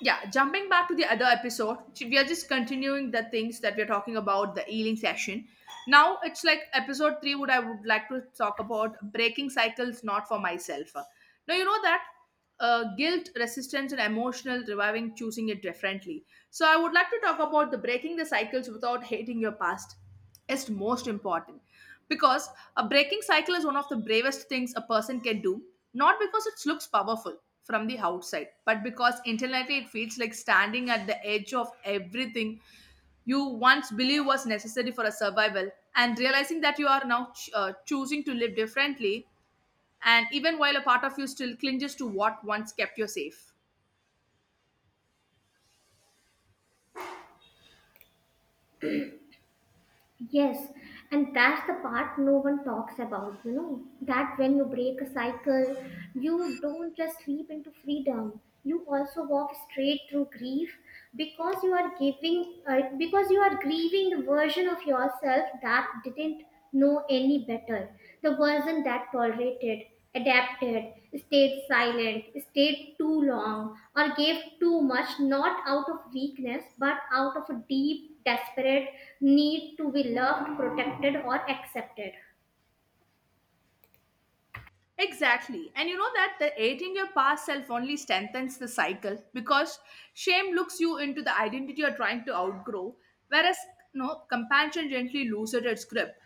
Yeah, jumping back to the other episode, we are just continuing the things that we're talking about, the healing session. Now it's like episode 3. Would i would like to talk about breaking cycles, not for myself. Now you know that guilt, resistance and emotional reviving, choosing it differently. So I would like to talk about the breaking the cycles without hating your past is most important. Because a breaking cycle is one of the bravest things a person can do, not because it looks powerful from the outside, but because internally it feels like standing at the edge of everything you once believed was necessary for a survival. And realizing that you are now choosing to live differently, and even while a part of you still clinges to what once kept you safe. Yes, and that's the part no one talks about, you know, that when you break a cycle, you don't just leap into freedom. You also walk straight through grief because because you are grieving the version of yourself that didn't know any better. The version that tolerated, adapted, stayed silent, stayed too long, or gave too much, not out of weakness, but out of a deep, desperate need to be loved, protected, or accepted. Exactly. And you know that the hating your past self only strengthens the cycle because shame looks you into the identity you're trying to outgrow, whereas no compassion gently loses its grip.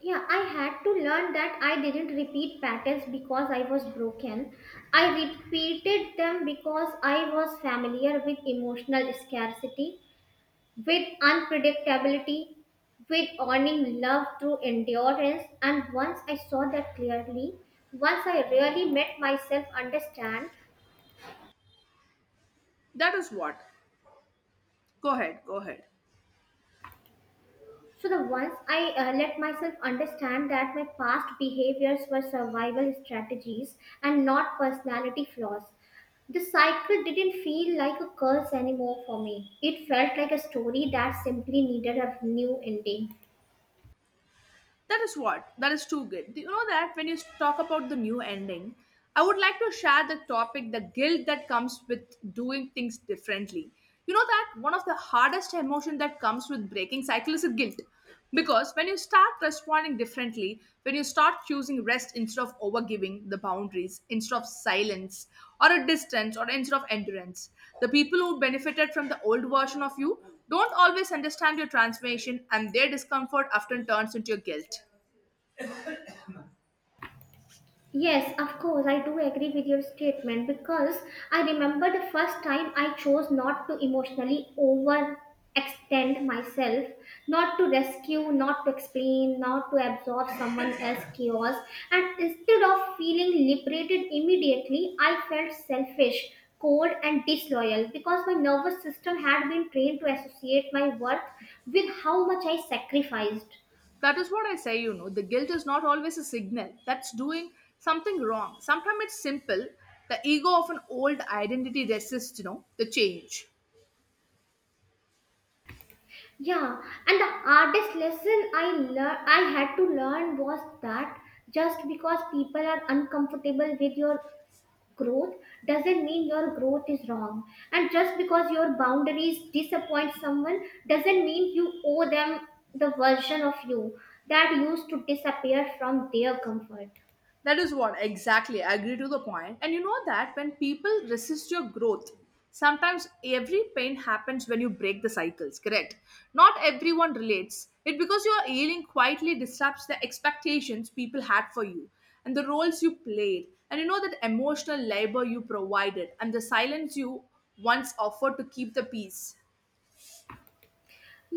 Yeah, I had to learn that I didn't repeat patterns because I was broken. I repeated them because I was familiar with emotional scarcity, with unpredictability, with earning love through endurance, and once I saw that clearly, once I really made myself understand. That is what. Go ahead, go ahead. So the once I let myself understand that my past behaviors were survival strategies and not personality flaws, the cycle didn't feel like a curse anymore for me. It felt like a story that simply needed a new ending. That is what? That is too good. Do you know that when you talk about the new ending, I would like to share the topic the guilt that comes with doing things differently. You know that one of the hardest emotion that comes with breaking cycle is a guilt. Because when you start responding differently, when you start choosing rest instead of overgiving the boundaries, instead of silence or a distance or instead of endurance, the people who benefited from the old version of you don't always understand your transformation, and their discomfort often turns into your guilt. Yes, of course, I do agree with your statement because I remember the first time I chose not to emotionally overextend myself, not to rescue, not to explain, not to absorb someone else's chaos. And instead of feeling liberated immediately, I felt selfish, cold, and disloyal because my nervous system had been trained to associate my worth with how much I sacrificed. That is what I say. You know, the guilt is not always a signal that's doing something wrong. Sometimes it's simple. The ego of an old identity resists, you know, the change. Yeah, and the hardest lesson I had to learn was that just because people are uncomfortable with your growth doesn't mean your growth is wrong. And just because your boundaries disappoint someone doesn't mean you owe them the version of you that used to disappear from their comfort. That is what exactly. I agree to the point. And you know that when people resist your growth, sometimes every pain happens when you break the cycles, correct? Not everyone relates. It because your ailing quietly disrupts the expectations people had for you and the roles you played. And you know that emotional labor you provided and the silence you once offered to keep the peace.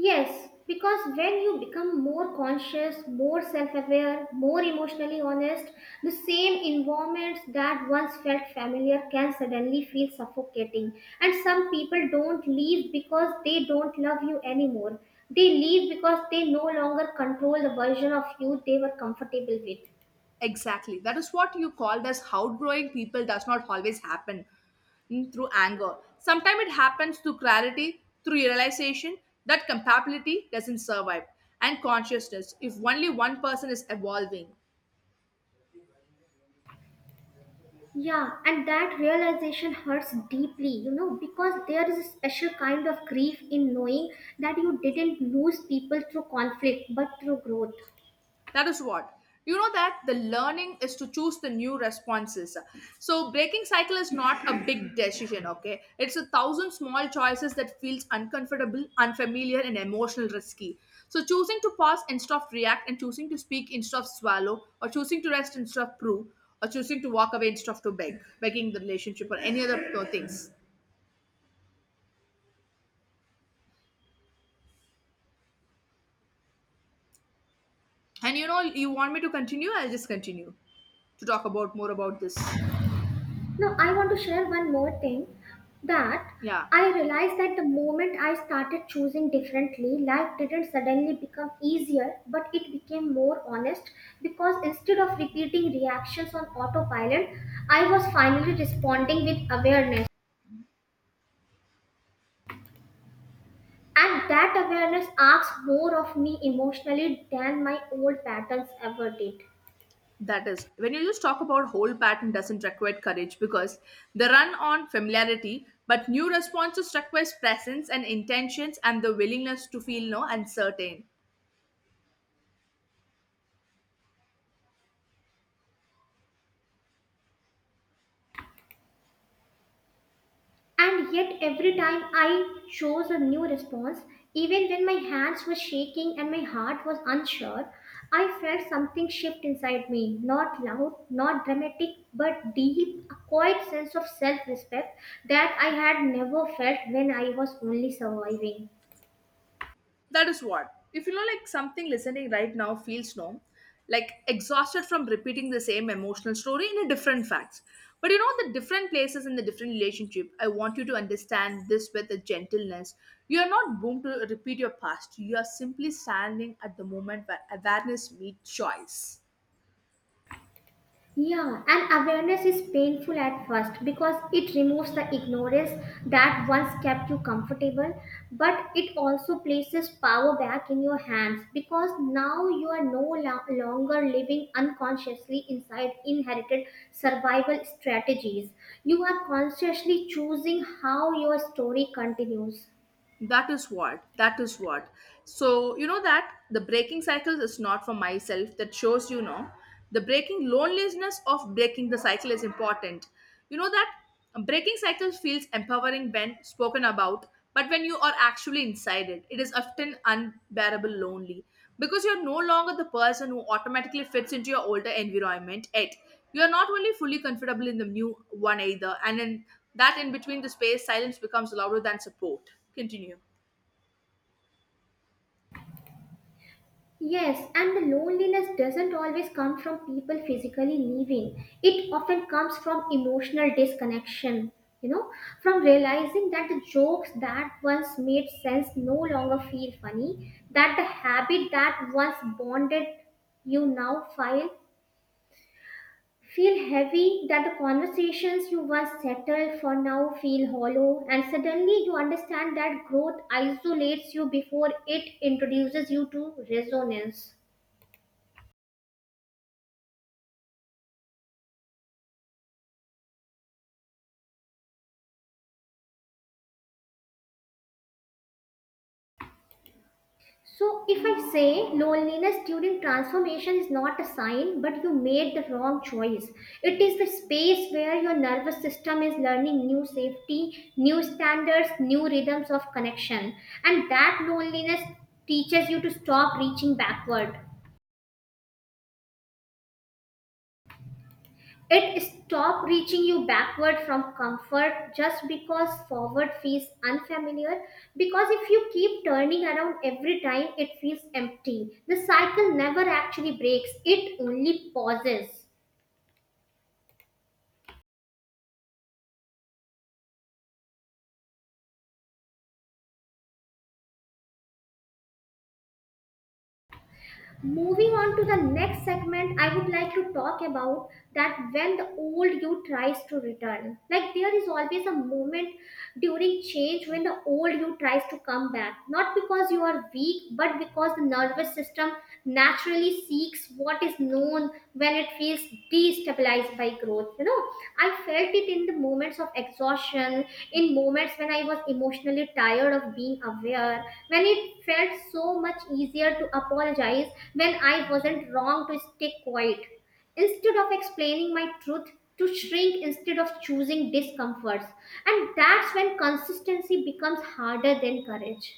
Yes, because when you become more conscious, more self aware, more emotionally honest, the same environments that once felt familiar can suddenly feel suffocating. And some people don't leave because they don't love you anymore. They leave because they no longer control the version of you they were comfortable with. Exactly. That is what you called as outgrowing people does not always happen through anger. Sometimes it happens through clarity, through realization that compatibility doesn't survive, and consciousness if only one person is evolving. Yeah, and that realization hurts deeply, you know, because there is a special kind of grief in knowing that you didn't lose people through conflict but through growth. That is what. You know that the learning is to choose the new responses. So breaking cycle is not a big decision, okay? It's a thousand small choices that feels uncomfortable, unfamiliar, and emotional risky. So choosing to pause instead of react, and choosing to speak instead of swallow, or choosing to rest instead of prove, or choosing to walk away instead of to beg, begging the relationship or any other things. And you know, you want me to continue? I'll just continue to talk about more about this. Now, I want to share one more thing, that Yeah. I realized that the moment I started choosing differently, life didn't suddenly become easier, but it became more honest because instead of repeating reactions on autopilot, I was finally responding with awareness. And that awareness asks more of me emotionally than my old patterns ever did. That is, when you just talk about whole pattern doesn't require courage because they run on familiarity, but new responses requires presence and intentions and the willingness to feel no uncertain. And yet, every time I chose a new response, even when my hands were shaking and my heart was unsure, I felt something shift inside me. Not loud, not dramatic, but deep, a quiet sense of self respect that I had never felt when I was only surviving. That is what. If you know, like something listening right now feels no, like exhausted from repeating the same emotional story in a different facts. But you know, the different places and the different relationship, I want you to understand this with a gentleness. You are not bound to repeat your past. You are simply standing at the moment where awareness meets choice. Yeah, and awareness is painful at first because it removes the ignorance that once kept you comfortable, but it also places power back in your hands because now you are no longer living unconsciously inside inherited survival strategies. You are consciously choosing how your story continues. That is what. That is what. So, you know that the breaking cycle is not for myself. That shows, you know, the breaking loneliness of breaking the cycle is important. You know that breaking cycle feels empowering when spoken about, but when you are actually inside it, it is often unbearable lonely, because you're no longer the person who automatically fits into your older environment. Yet you are not only fully comfortable in the new one either, and in that in between the space, silence becomes louder than support. Continue. Yes, and the loneliness doesn't always come from people physically leaving. It often comes from emotional disconnection, you know, from realizing that the jokes that once made sense no longer feel funny, that the habit that once bonded you now file feel heavy, that the conversations you once settled for now feel hollow, and suddenly you understand that growth isolates you before it introduces you to resonance. So, if I say loneliness during transformation is not a sign, but you made the wrong choice, it is the space where your nervous system is learning new safety, new standards, new rhythms of connection. And that loneliness teaches you to stop reaching backward. It stop reaching you backward from comfort just because forward feels unfamiliar. Because if you keep turning around every time, it feels empty. The cycle never actually breaks, it only pauses. Moving on to the next segment, I would like to talk about that when the old you tries to return, like there is always a moment during change when the old you tries to come back, not because you are weak but because the nervous system naturally seeks what is known when it feels destabilized by growth. You know, I felt it in the moments of exhaustion, in moments when I was emotionally tired of being aware, when it felt so much easier to apologize when I wasn't wrong, to stay quiet instead of explaining my truth, to shrink instead of choosing discomforts. And that's when consistency becomes harder than courage.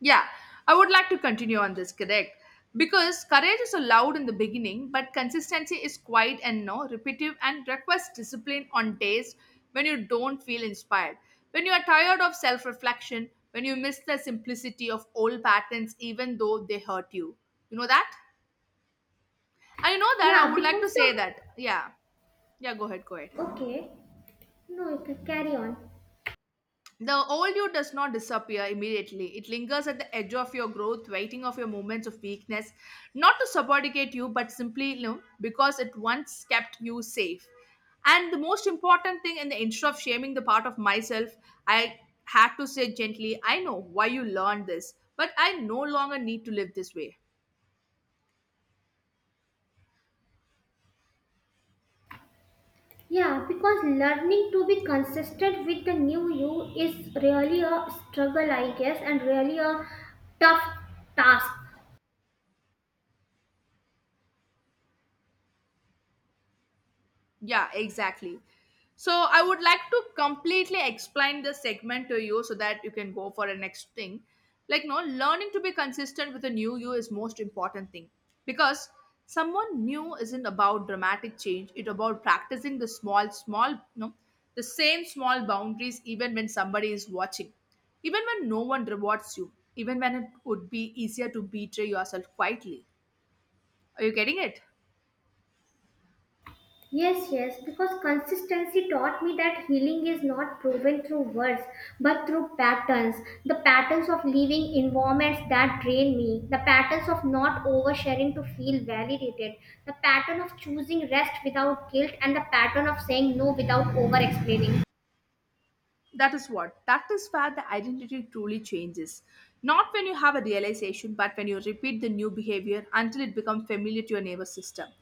Yeah, I would like to continue on this, correct? Because courage is allowed in the beginning, but consistency is quiet and no repetitive and requires discipline on days when you don't feel inspired. When you are tired of self reflection, when you miss the simplicity of old patterns, even though they hurt you. You know that? And you know that I Yeah, would like to because say the. that. Yeah. Yeah, go ahead, go ahead. Okay, no, you can carry on. The old you does not disappear immediately. It lingers at the edge of your growth, waiting of your moments of weakness, not to subordinate you, but simply, you know, because it once kept you safe. And the most important thing, in the instead of shaming the part of myself, I had to say gently, I know why you learned this, but I no longer need to live this way. Yeah, because learning to be consistent with the new you is really a struggle, I guess, and really a tough task. Yeah, exactly. So I would like to completely explain the segment to you so that you can go for the next thing. Like, no, learning to be consistent with a new you is most important thing because someone new isn't about dramatic change. It's about practicing the small, small, no, the same small boundaries even when somebody is watching, even when no one rewards you, even when it would be easier to betray yourself quietly. Are you getting it? Yes, yes, because consistency taught me that healing is not proven through words but through patterns. The patterns of leaving environments that drain me, the patterns of not oversharing to feel validated, the pattern of choosing rest without guilt, and the pattern of saying no without over explaining. That is what. That is where the identity truly changes. Not when you have a realization, but when you repeat the new behavior until it becomes familiar to your nervous system.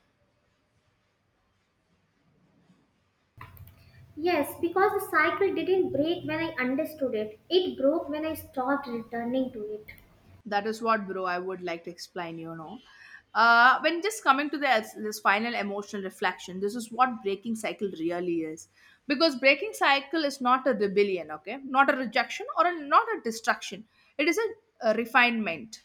Yes, because the cycle didn't break when I understood it. It broke when I stopped returning to it. That is what, bro, I would like to explain, you know. When just coming to this final emotional reflection, this is what breaking cycle really is. Because breaking cycle is not a rebellion, okay? Not a rejection or a, not a destruction. It is a refinement.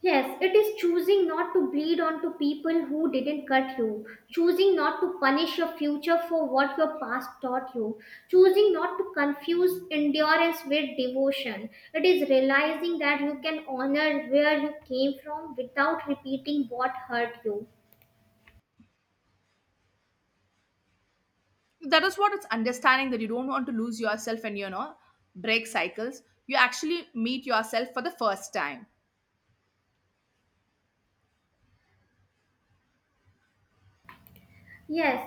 Yes, it is choosing not to bleed onto people who didn't cut you, choosing not to punish your future for what your past taught you, choosing not to confuse endurance with devotion. It is realizing that you can honor where you came from without repeating what hurt you. That is what. It's understanding that you don't want to lose yourself, and you know, break cycles, you actually meet yourself for the first time. Yes,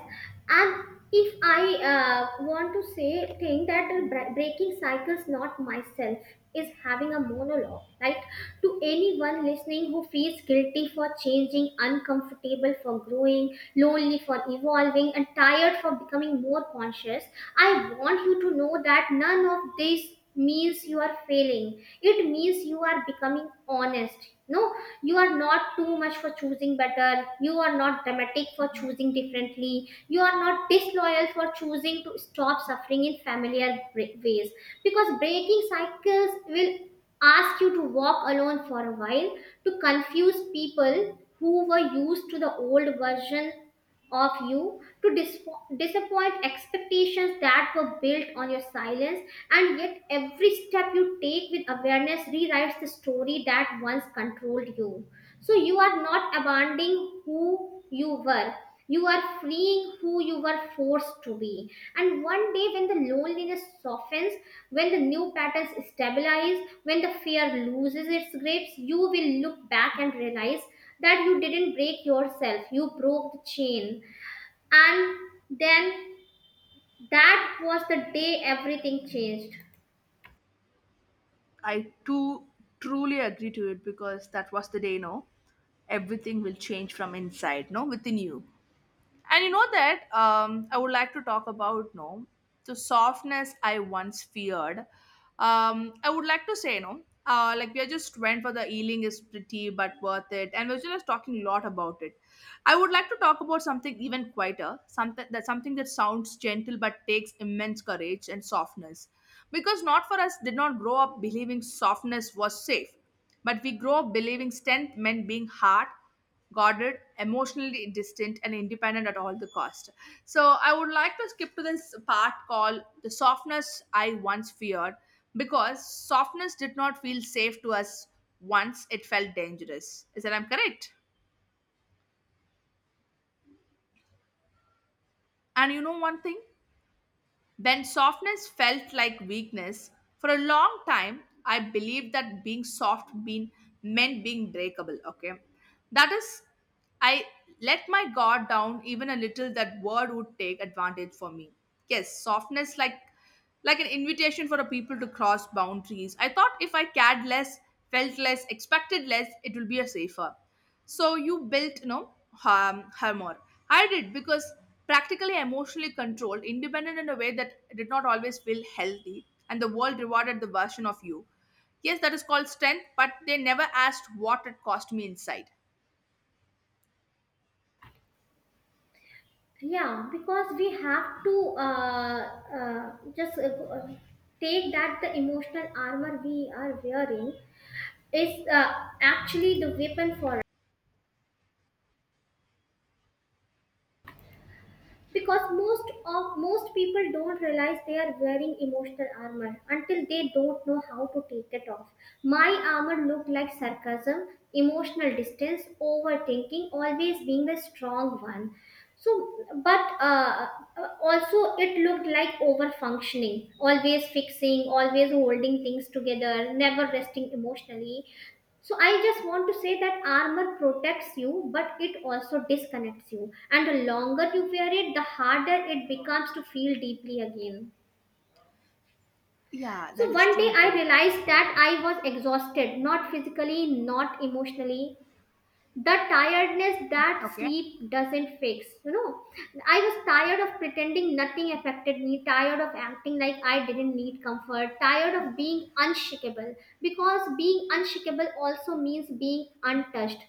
and if I want to say thing that breaking cycles, not myself, is having a monologue, right? To anyone listening who feels guilty for changing, uncomfortable for growing, lonely for evolving, and tired for becoming more conscious, I want you to know that none of this means you are failing. It means you are becoming honest. No, you are not too much for choosing better. You are not dramatic for choosing differently. You are not disloyal for choosing to stop suffering in familiar ways. Because breaking cycles will ask you to walk alone for a while, to confuse people who were used to the old version of you, to disappoint expectations that were built on your silence, and yet every step you take with awareness rewrites the story that once controlled you. So you are not abandoning who you were. You are freeing who you were forced to be. And one day, when the loneliness softens, when the new patterns stabilize, when the fear loses its grips, you will look back and realize that you didn't break yourself, you broke the chain. And then that was the day everything changed. I too truly agree to it, because that was the day. No, everything will change from inside, no, within you. And you know that I would like to talk about no the softness I once feared. I would like to say no. Like we are just went for the healing is pretty but worth it, and we're just talking a lot about it. I would like to talk about something even quieter, something that sounds gentle but takes immense courage and softness, because not for us did not grow up believing softness was safe, but we grow up believing strength meant being hard, guarded, emotionally distant and independent at all the cost. So I would like to skip to this part called the softness I once feared, because softness did not feel safe to us. Once it felt dangerous. Is that I'm correct? And you know one thing? When softness felt like weakness, for a long time I believed that being soft mean, meant being breakable. Okay, that is, I let my guard down even a little. That word would take advantage for me. Yes, softness like an invitation for a people to cross boundaries. I thought if I cared less, felt less, expected less, it will be a safer. So you built, you know, harm, more. I did, because practically emotionally controlled, independent in a way that did not always feel healthy, and the world rewarded the version of you. Yes, that is called strength, but they never asked what it cost me inside. Yeah, because we have to just uh, take that the emotional armor we are wearing is actually the weapon for, because most people don't realize they are wearing emotional armor until they don't know how to take it off. My armor looked like sarcasm, emotional distance, overthinking, always being the strong one. So but also it looked like over functioning, always fixing, always holding things together, never resting emotionally. So I just want to say that armor protects you, but it also disconnects you. And the longer you wear it, the harder it becomes to feel deeply again. Yeah, So that is one day too I good. realized that I was exhausted, not physically, not emotionally, the tiredness that Okay. sleep doesn't fix, you know. I was tired of pretending nothing affected me, tired of acting like I didn't need comfort, tired of being unshakable, because being unshakable also means being untouched.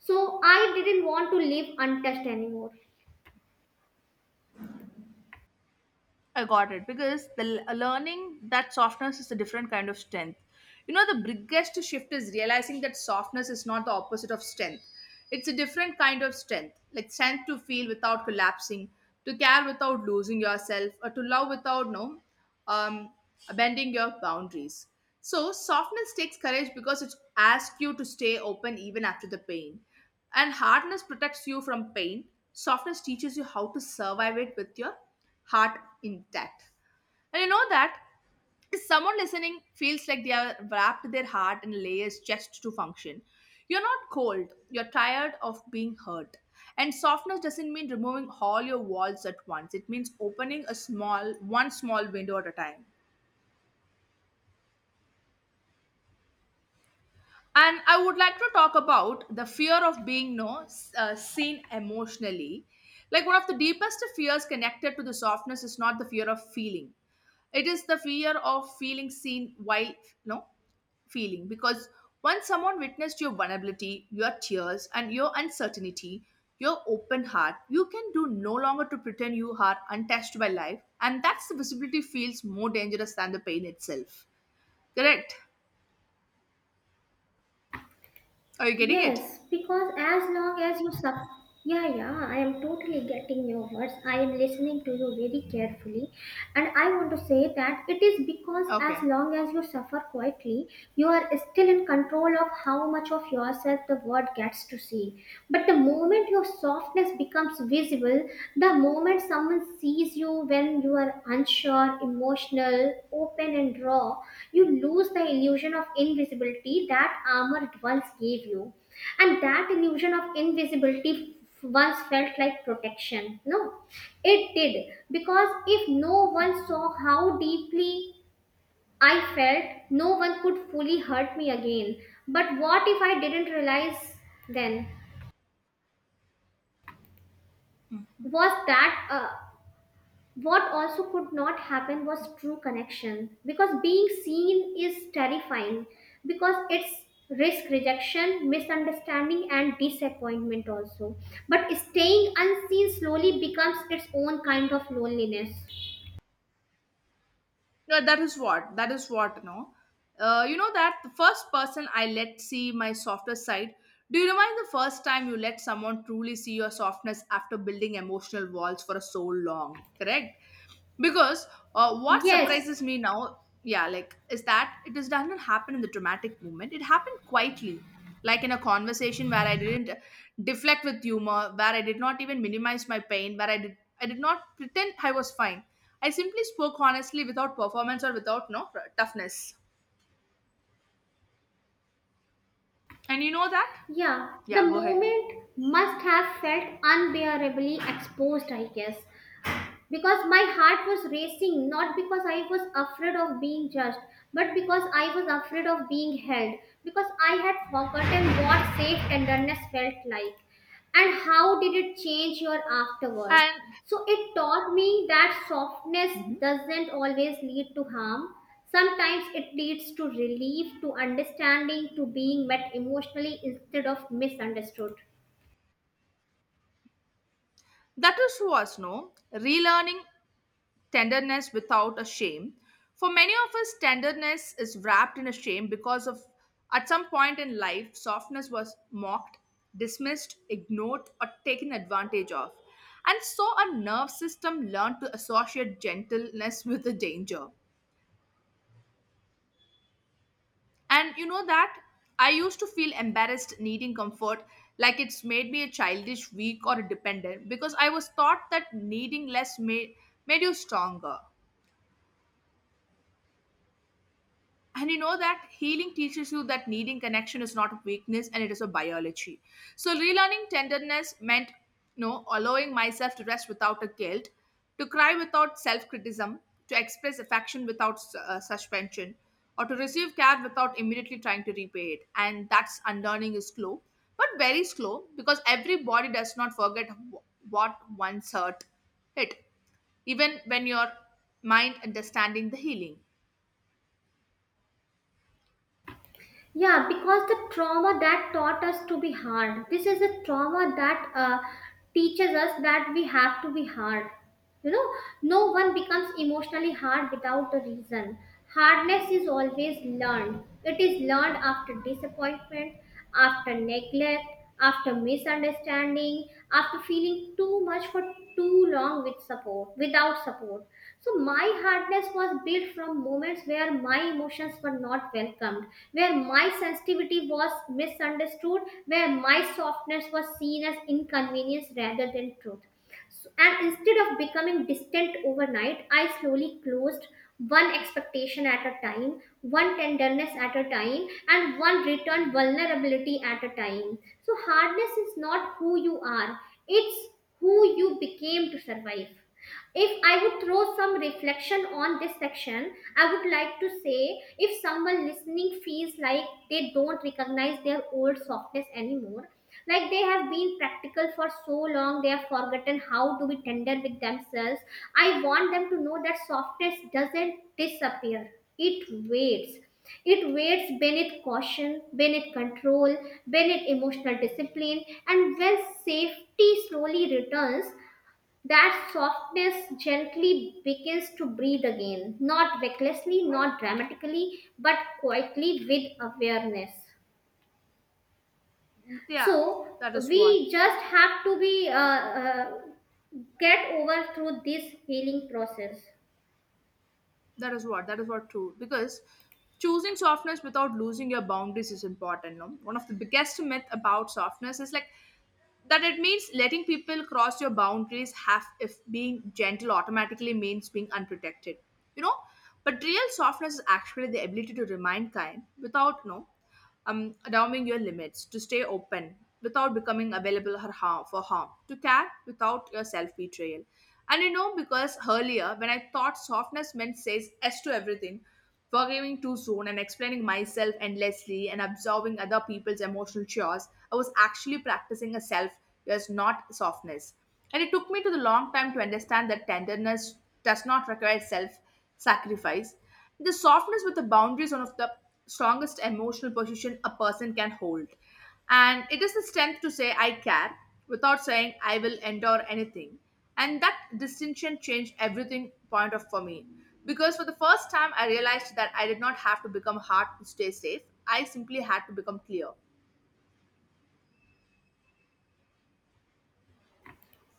So I didn't want to live untouched anymore. I got it, because the learning that softness is a different kind of strength. You know, the biggest shift is realizing that softness is not the opposite of strength. It's a different kind of strength, like strength to feel without collapsing, to care without losing yourself, or to love without no um, bending your boundaries. So softness takes courage because it asks you to stay open even after the pain, and hardness protects you from pain. Softness teaches you how to survive it with your heart intact. And you know that if someone listening feels like they have wrapped their heart in layers just to function, you're not cold, you're tired of being hurt. And softness doesn't mean removing all your walls at once. It means opening a small, one small window at a time. And I would like to talk about the fear of being no seen emotionally. Like one of the deepest fears connected to the softness is not the fear of feeling. It is the fear of feeling seen while no feeling, because once someone witnessed your vulnerability, your tears, and your uncertainty, your open heart, you can do no longer to pretend you are untouched by life, and that's the visibility feels more dangerous than the pain itself. Correct? Are you getting it? Yes, because as long as you sub Yeah, yeah, I am totally getting your words. I am listening to you very carefully, and I want to say that it is because as Okay. long as you suffer quietly, you are still in control of how much of yourself the world gets to see. But the moment your softness becomes visible, the moment someone sees you when you are unsure, emotional, open, and raw, you lose the illusion of invisibility that armor once gave you. And that illusion of invisibility once felt like protection. No, it did. Because if no one saw how deeply I felt, no one could fully hurt me again. But what if I didn't realize then? Was that What also could not happen was true connection, because being seen is terrifying, because it's risk rejection, misunderstanding, and disappointment also. But staying unseen slowly becomes its own kind of loneliness. No, that is what. That is what. No, you know that the first person I let see my softer side. Do you remind the first time you let someone truly see your softness after building emotional walls for so long? Correct. Because what Yes, surprises me now, yeah, like is that it does not happen in the dramatic moment. It happened quietly, like in a conversation where I didn't deflect with humor, where I did not even minimize my pain, where I did not pretend I was fine. I simply spoke honestly without performance or without no toughness. And you know that? yeah, the Yeah, go ahead. moment must have felt unbearably exposed, I guess, because my heart was racing, not because I was afraid of being judged but because I was afraid of being held, because I had forgotten what safe tenderness felt like. And how did it change your afterward? And So it taught me that softness mhm, doesn't always lead to harm. Sometimes it leads to relief, to understanding, to being met emotionally instead of misunderstood. that is was no relearning tenderness without a shame. For many of us, tenderness is wrapped in a shame because of at some point in life, softness was mocked, dismissed, ignored, or taken advantage of. And so our nerve system learned to associate gentleness with the danger. And you know that I used to feel embarrassed needing comfort, like it's made me a childish, weak, or a dependent, because I was taught that needing less made, made you stronger. And you know that healing teaches you that needing connection is not a weakness and it is a biology. So relearning tenderness meant, you know, allowing myself to rest without a guilt, to cry without self-criticism, to express affection without suspension, or to receive care without immediately trying to repay it. And that's unlearning is slow, but very slow because every body does not forget what once hurt it, even when your mind understanding the healing. Yeah, because the trauma that taught us to be hard, this is a trauma that teaches us that we have to be hard, you know. No one becomes emotionally hard without a reason. Hardness is always learned. It is learned after disappointment, after neglect, after misunderstanding, after feeling too much for too long with support without support. So my hardness was built from moments where my emotions were not welcomed, where my sensitivity was misunderstood, where my softness was seen as inconvenience rather than truth. And instead of becoming distant overnight, I slowly closed one expectation at a time, one tenderness at a time, and one return vulnerability at a time. So, hardness is not who you are, it's who you became to survive. If I would throw some reflection on this section, I would like to say if someone listening feels like they don't recognize their old softness anymore, like they have been practical for so long, they have forgotten how to be tender with themselves. I want them to know that softness doesn't disappear, it waits. It waits beneath caution, beneath control, beneath emotional discipline, and when safety slowly returns, that softness gently begins to breathe again, not recklessly, not dramatically, but quietly with awareness. Yeah, So that is what we just have to be uh, get over through this healing process. that is what that is what true. Because choosing softness without losing your boundaries is important. No, one of the biggest myth about softness is like that it means letting people cross your boundaries half, if being gentle automatically means being unprotected, you know. But real softness is actually the ability to remain kind without no allowing your limits to stay open, without becoming available for harm, to care without your self betrayal. And you know, because earlier when I thought softness meant says yes to everything, forgiving too soon and explaining myself endlessly and absorbing other people's emotional chores, I was actually practicing a self yes, not softness. And it took me to the long time to understand that tenderness does not require self sacrifice. The softness with the boundary is one of the strongest emotional position a person can hold. And it is the strength to say, I care, without saying, I will endure anything. And that distinction changed everything point of for me. Because for the first time, I realized that I did not have to become hard to stay safe. I simply had to become clear.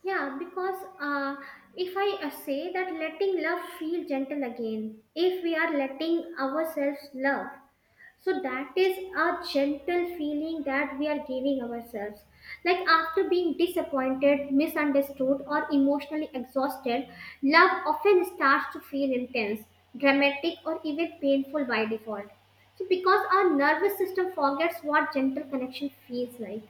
Yeah, because if I say that letting love feel gentle again, if we are letting ourselves love, so that is a gentle feeling that we are giving ourselves. Like after being disappointed, misunderstood, or emotionally exhausted, love often starts to feel intense, dramatic, or even painful by default. So because our nervous system forgets what gentle connection feels like.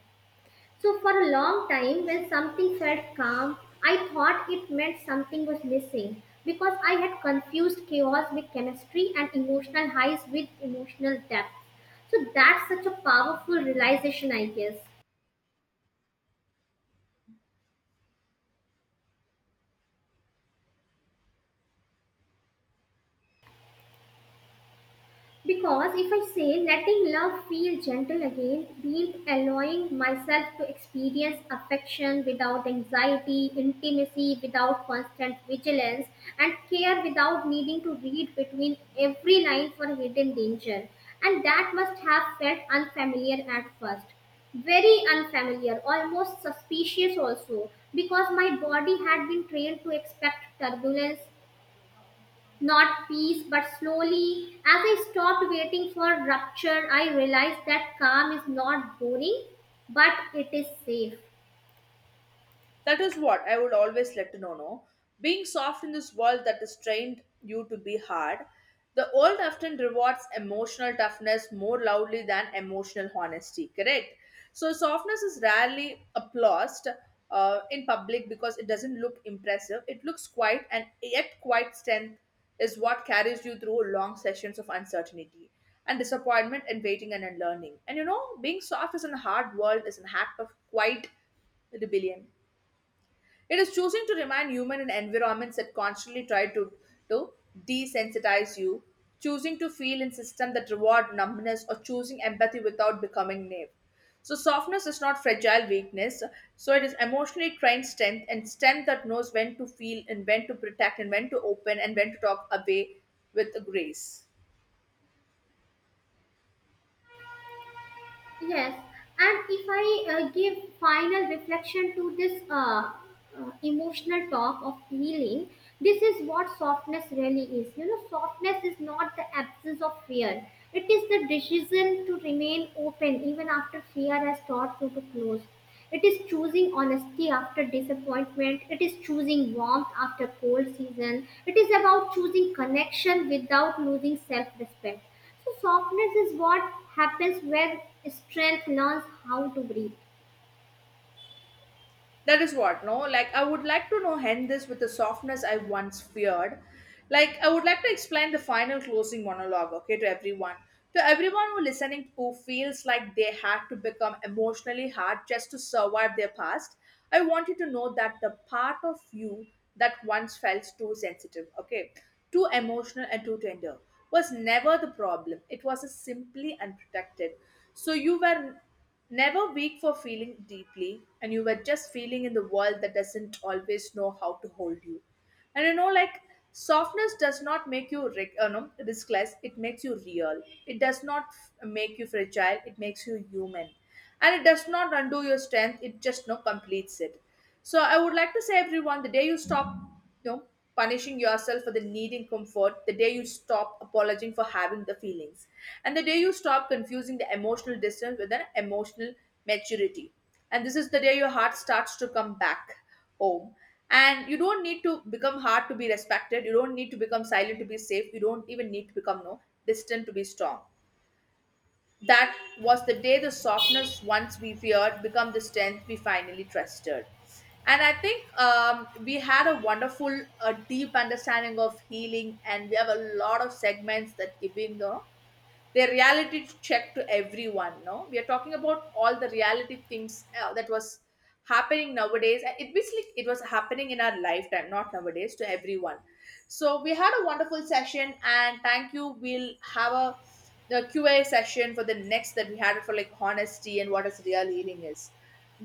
So, for a long time, when something felt calm, I thought it meant something was missing because I had confused chaos with chemistry and emotional highs with emotional depth. So, that's such a powerful realization, I guess. Because if I say letting love feel gentle again means allowing myself to experience affection without anxiety, intimacy without constant vigilance, and care without needing to read between every line for hidden danger. And that must have felt unfamiliar at first. Very unfamiliar, almost suspicious also, because my body had been trained to expect turbulence not peace, but slowly, as I stopped waiting for rupture, I realized that calm is not boring, but it is safe. That is what I would always let to know. No, being soft in this world that has trained you to be hard. The world often rewards emotional toughness more loudly than emotional honesty. Correct. So softness is rarely applauded in public because it doesn't look impressive. It looks quiet, and yet quiet strength is what carries you through long sessions of uncertainty and disappointment and waiting and unlearning. And you know, being soft is in a hard world is an act of quiet rebellion. It is choosing to remind human in environments that constantly try to desensitize you, choosing to feel in systems that reward numbness, or choosing empathy without becoming naive. So softness is not fragile weakness. So it is emotionally trained strength and strength that knows when to feel and when to protect and when to open and when to talk away with grace. Yes, and if I give final reflection to this emotional talk of healing, this is what softness really is. You know, softness is not the absence of fear. It is the decision to remain open even after fear has taught you to close. It is choosing honesty after disappointment. It is choosing warmth after cold season. It is about choosing connection without losing self respect. So softness is what happens when strength learns how to breathe. That is what, no? Like, I would like to know end this with the softness I once feared. Like, I would like to explain the final closing monologue, okay, to everyone. To everyone who listening who feels like they had to become emotionally hard just to survive their past, I want you to know that the part of you that once felt too sensitive, okay, too emotional and too tender was never the problem. It was a simply unprotected. So you were never weak for feeling deeply, and you were just feeling in the world that doesn't always know how to hold you. And you know, like softness does not make you ric- no, riskless, it makes you real. It does not make you fragile, it makes you human. And it does not undo your strength, it just no completes it. So I would like to say everyone, the day you stop, you know, punishing yourself for the needing comfort, the day you stop apologizing for having the feelings, and the day you stop confusing the emotional distance with an emotional maturity. And this is the day your heart starts to come back home. And you don't need to become hard to be respected. You don't need to become silent to be safe. You don't even need to become no distant to be strong. That was the day the softness once we feared become the strength we finally trusted. And I think we had a wonderful, deep understanding of healing, and we have a lot of segments that giving the their reality check to everyone. No, we are talking about all the reality things that was happening nowadays, and it basically it was happening in our lifetime, not nowadays, to everyone. So we had a wonderful session, and thank you. We'll have a the Q&A session for the next that we had for like honesty and what is real healing is.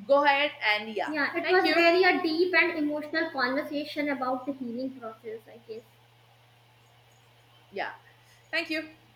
Go ahead. And yeah, Yeah, it thank was you. really a deep and emotional conversation about the healing process, I guess. Yeah, thank you.